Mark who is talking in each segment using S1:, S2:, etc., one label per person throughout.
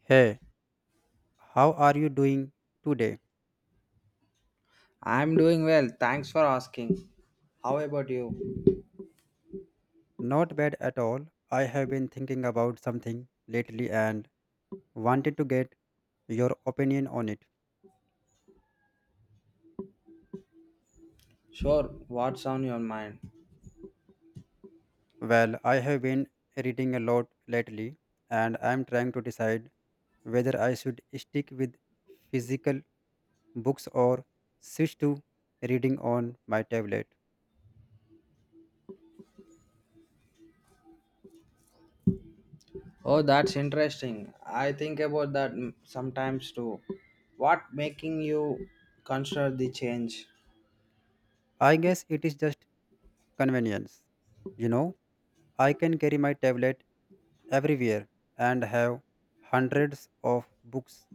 S1: Hey, how are you doing today?
S2: I'm doing well. Thanks for asking. How about you?
S1: Not bad at all. I have been thinking about something lately and wanted to get your opinion on it.
S2: Sure, what's on your mind?
S1: Well, I have been reading a lot lately and I'm trying to decide whether I should stick with physical books or switch to reading on my tablet.
S2: Oh, that's interesting. I think about that sometimes too. What making you consider the change?
S1: I guess it is just convenience, you know. I can carry my tablet everywhere and have hundreds of books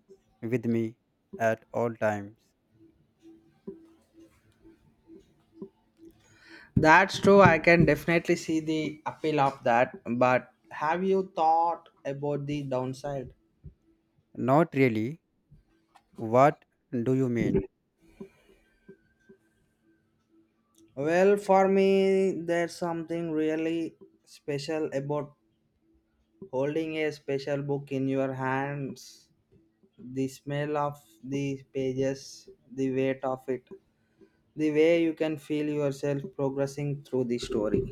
S1: with me at all times.
S2: That's true. I can definitely see the appeal of that. But have you thought about the downside?
S1: Not really. What do you mean?
S2: Well, for me, there's something really special about holding a special book in your hands, the smell of the pages, the weight of it, the way you can feel yourself progressing through the story.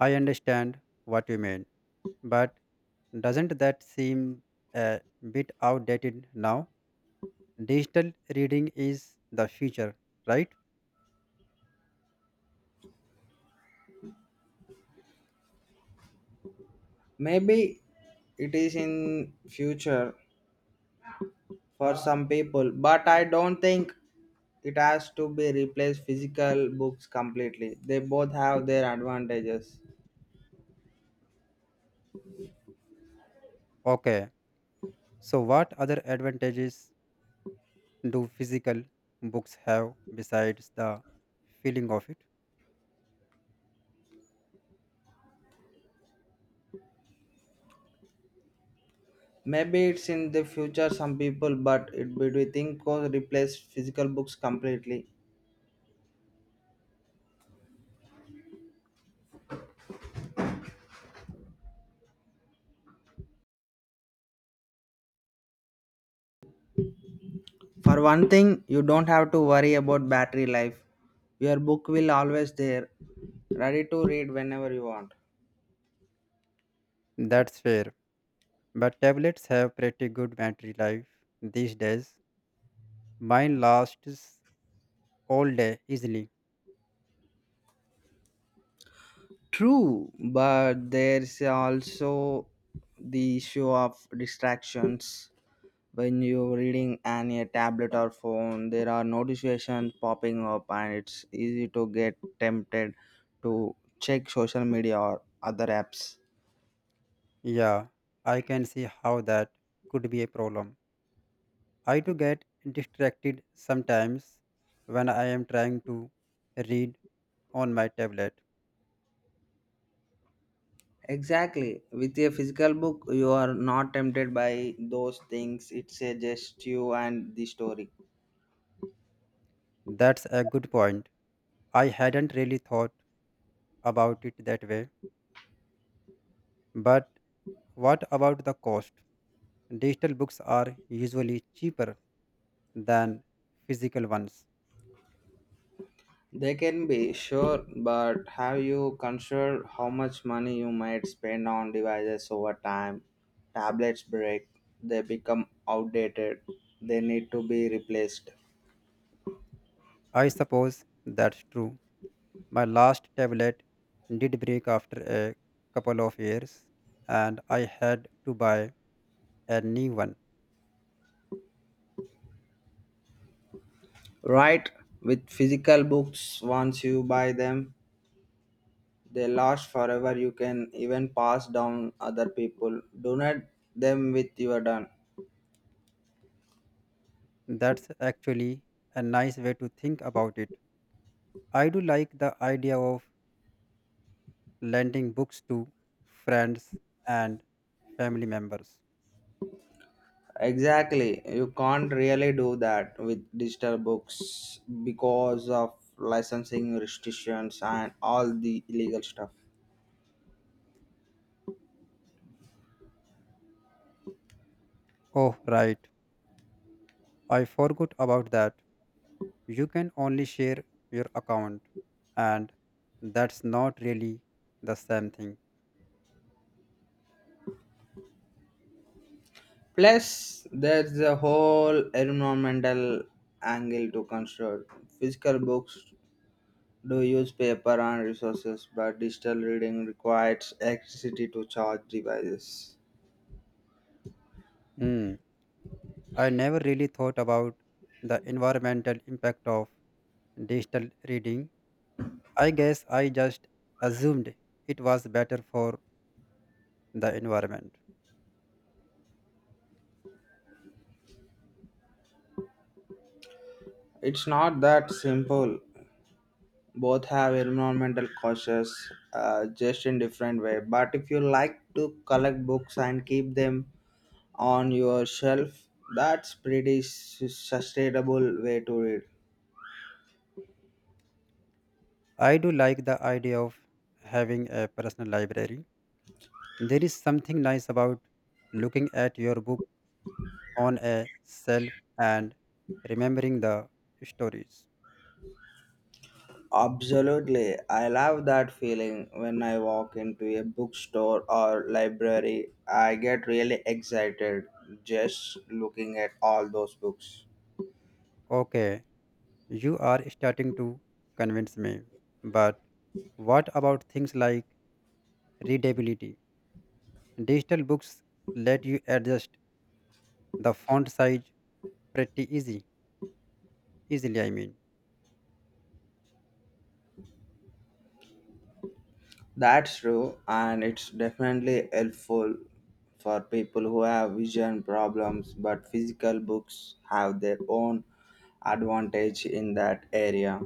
S1: I understand what you mean, but doesn't that seem a bit outdated now? Digital reading is the future, right?
S2: Maybe it is in future for some people, but I don't think it has to be replaced physical books completely. They both have their advantages.
S1: Okay, so what other advantages do physical books have besides the feeling of it?
S2: Maybe it's in the future some people, but it would be think co replace physical books completely. For one thing, you don't have to worry about battery life. Your book will always there, ready to read whenever you want.
S1: That's fair. But tablets have pretty good battery life these days. Mine lasts all day easily.
S2: True, but there's also the issue of distractions. When you're reading on a tablet or phone, there are notifications popping up, and it's easy to get tempted to check social media or other apps.
S1: Yeah, I can see how that could be a problem. I do get distracted sometimes when I am trying to read on my tablet.
S2: Exactly. With a physical book, you are not tempted by those things. It's a just you and the story.
S1: That's a good point. I hadn't really thought about it that way. But what about the cost? Digital books are usually cheaper than physical ones.
S2: They can be sure, but have you considered how much money you might spend on devices over time? Tablets break, they become outdated, they need to be replaced.
S1: I suppose that's true. My last tablet did break after a couple of years, and I had to buy a new one.
S2: Right? With physical books, once you buy them, they last forever. You can even pass down other people. Donate them with your done.
S1: That's actually a nice way to think about it. I do like the idea of lending books to friends and family members.
S2: Exactly. You can't really do that with digital books because of licensing restrictions and all the illegal stuff.
S1: Oh, right. I forgot about that. You can only share your account, and that's not really the same thing.
S2: Plus, there's the whole environmental angle to consider. Physical books do use paper and resources, but digital reading requires electricity to charge devices.
S1: Hmm. I never really thought about the environmental impact of digital reading. I guess I just assumed it was better for the environment.
S2: It's not that simple. Both have environmental causes just in different way, but if you like to collect books and keep them on your shelf, that's pretty sustainable way to read.
S1: I do like the idea of having a personal library. There is something nice about looking at your book on a shelf and remembering the stories.
S2: Absolutely, I love that feeling. When I walk into a bookstore or library, I get really excited just looking at all those books.
S1: Okay, you are starting to convince me, but what about things like readability? Digital books let you adjust the font size pretty easily.
S2: That's true, and it's definitely helpful for people who have vision problems, but physical books have their own advantage in that area.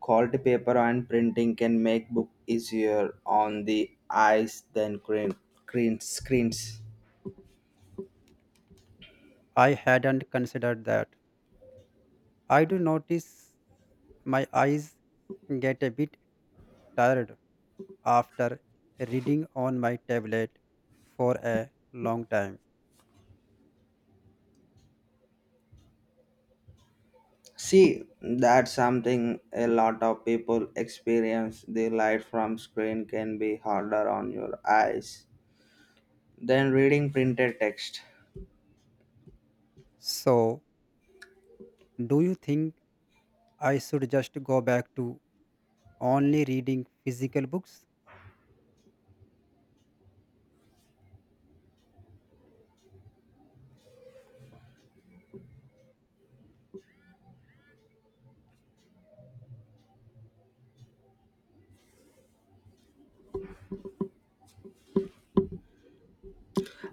S2: Quality paper and printing can make book easier on the eyes than screen, screen screens.
S1: I hadn't considered that. I do notice my eyes get a bit tired after reading on my tablet for a long time.
S2: See, that's something a lot of people experience. The light from screen can be harder on your eyes than reading printed text.
S1: So, do you think I should just go back to only reading physical books?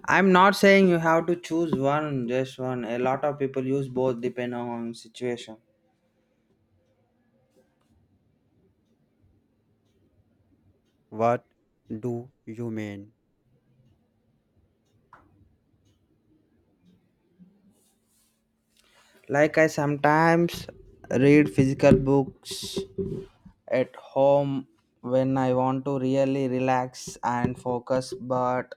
S2: I'm not saying you have to choose one, just one. A lot of people use both depending on situation.
S1: What do you mean?
S2: Like I sometimes read physical books at home when I want to really relax and focus, but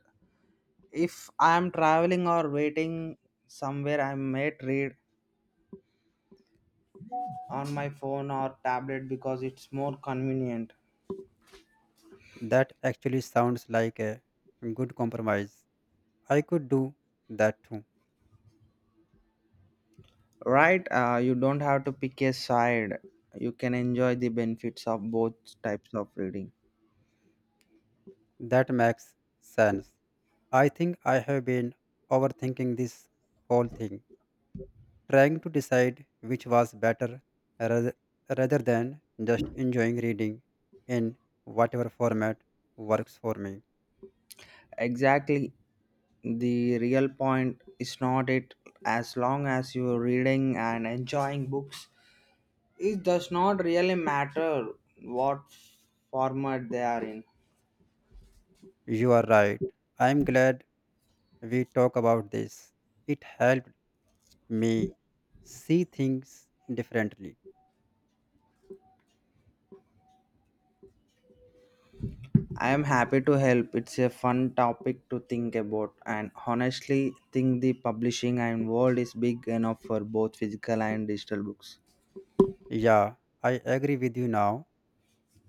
S2: if I'm traveling or waiting somewhere, I might read on my phone or tablet because it's more convenient.
S1: That actually sounds like a good compromise. I could do that too.
S2: Right? You don't have to pick a side. You can enjoy the benefits of both types of reading.
S1: That makes sense. I think I have been overthinking this whole thing, trying to decide which was better rather, rather than just enjoying reading in whatever format works for me.
S2: Exactly. The real point is not it, as long as you're reading and enjoying books, it does not really matter what format they are in.
S1: You are right. I am glad we talk about this. It helped me see things differently.
S2: I am happy to help. It's a fun topic to think about, and honestly think the publishing and world is big enough for both physical and digital books.
S1: Yeah, I agree with you now.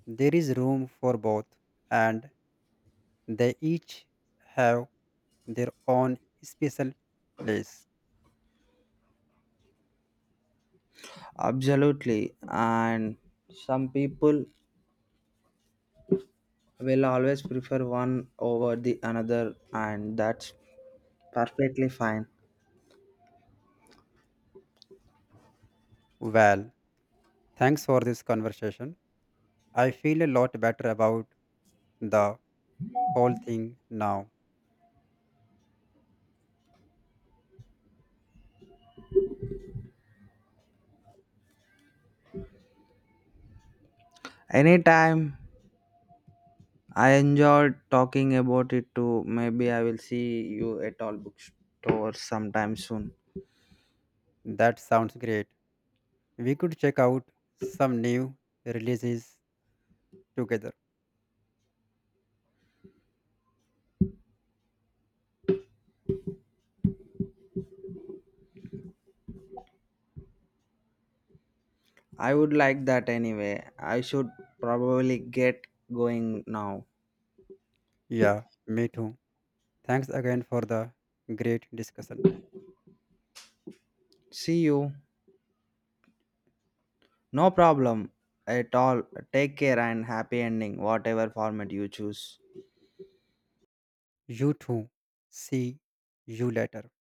S1: There is room for both, and they each have their own special place.
S2: Absolutely. And some people will always prefer one over the another, and that's perfectly fine.
S1: Well, thanks for this conversation. I feel a lot better about the whole thing now.
S2: Anytime. I enjoyed talking about it too. Maybe I will see you at all bookstores sometime soon.
S1: That sounds great. We could check out some new releases together.
S2: I would like that anyway. I should probably get going now.
S1: Yeah, me too. Thanks again for the great discussion.
S2: See you. No problem at all. Take care and happy ending, whatever format you choose.
S1: You too. See you later.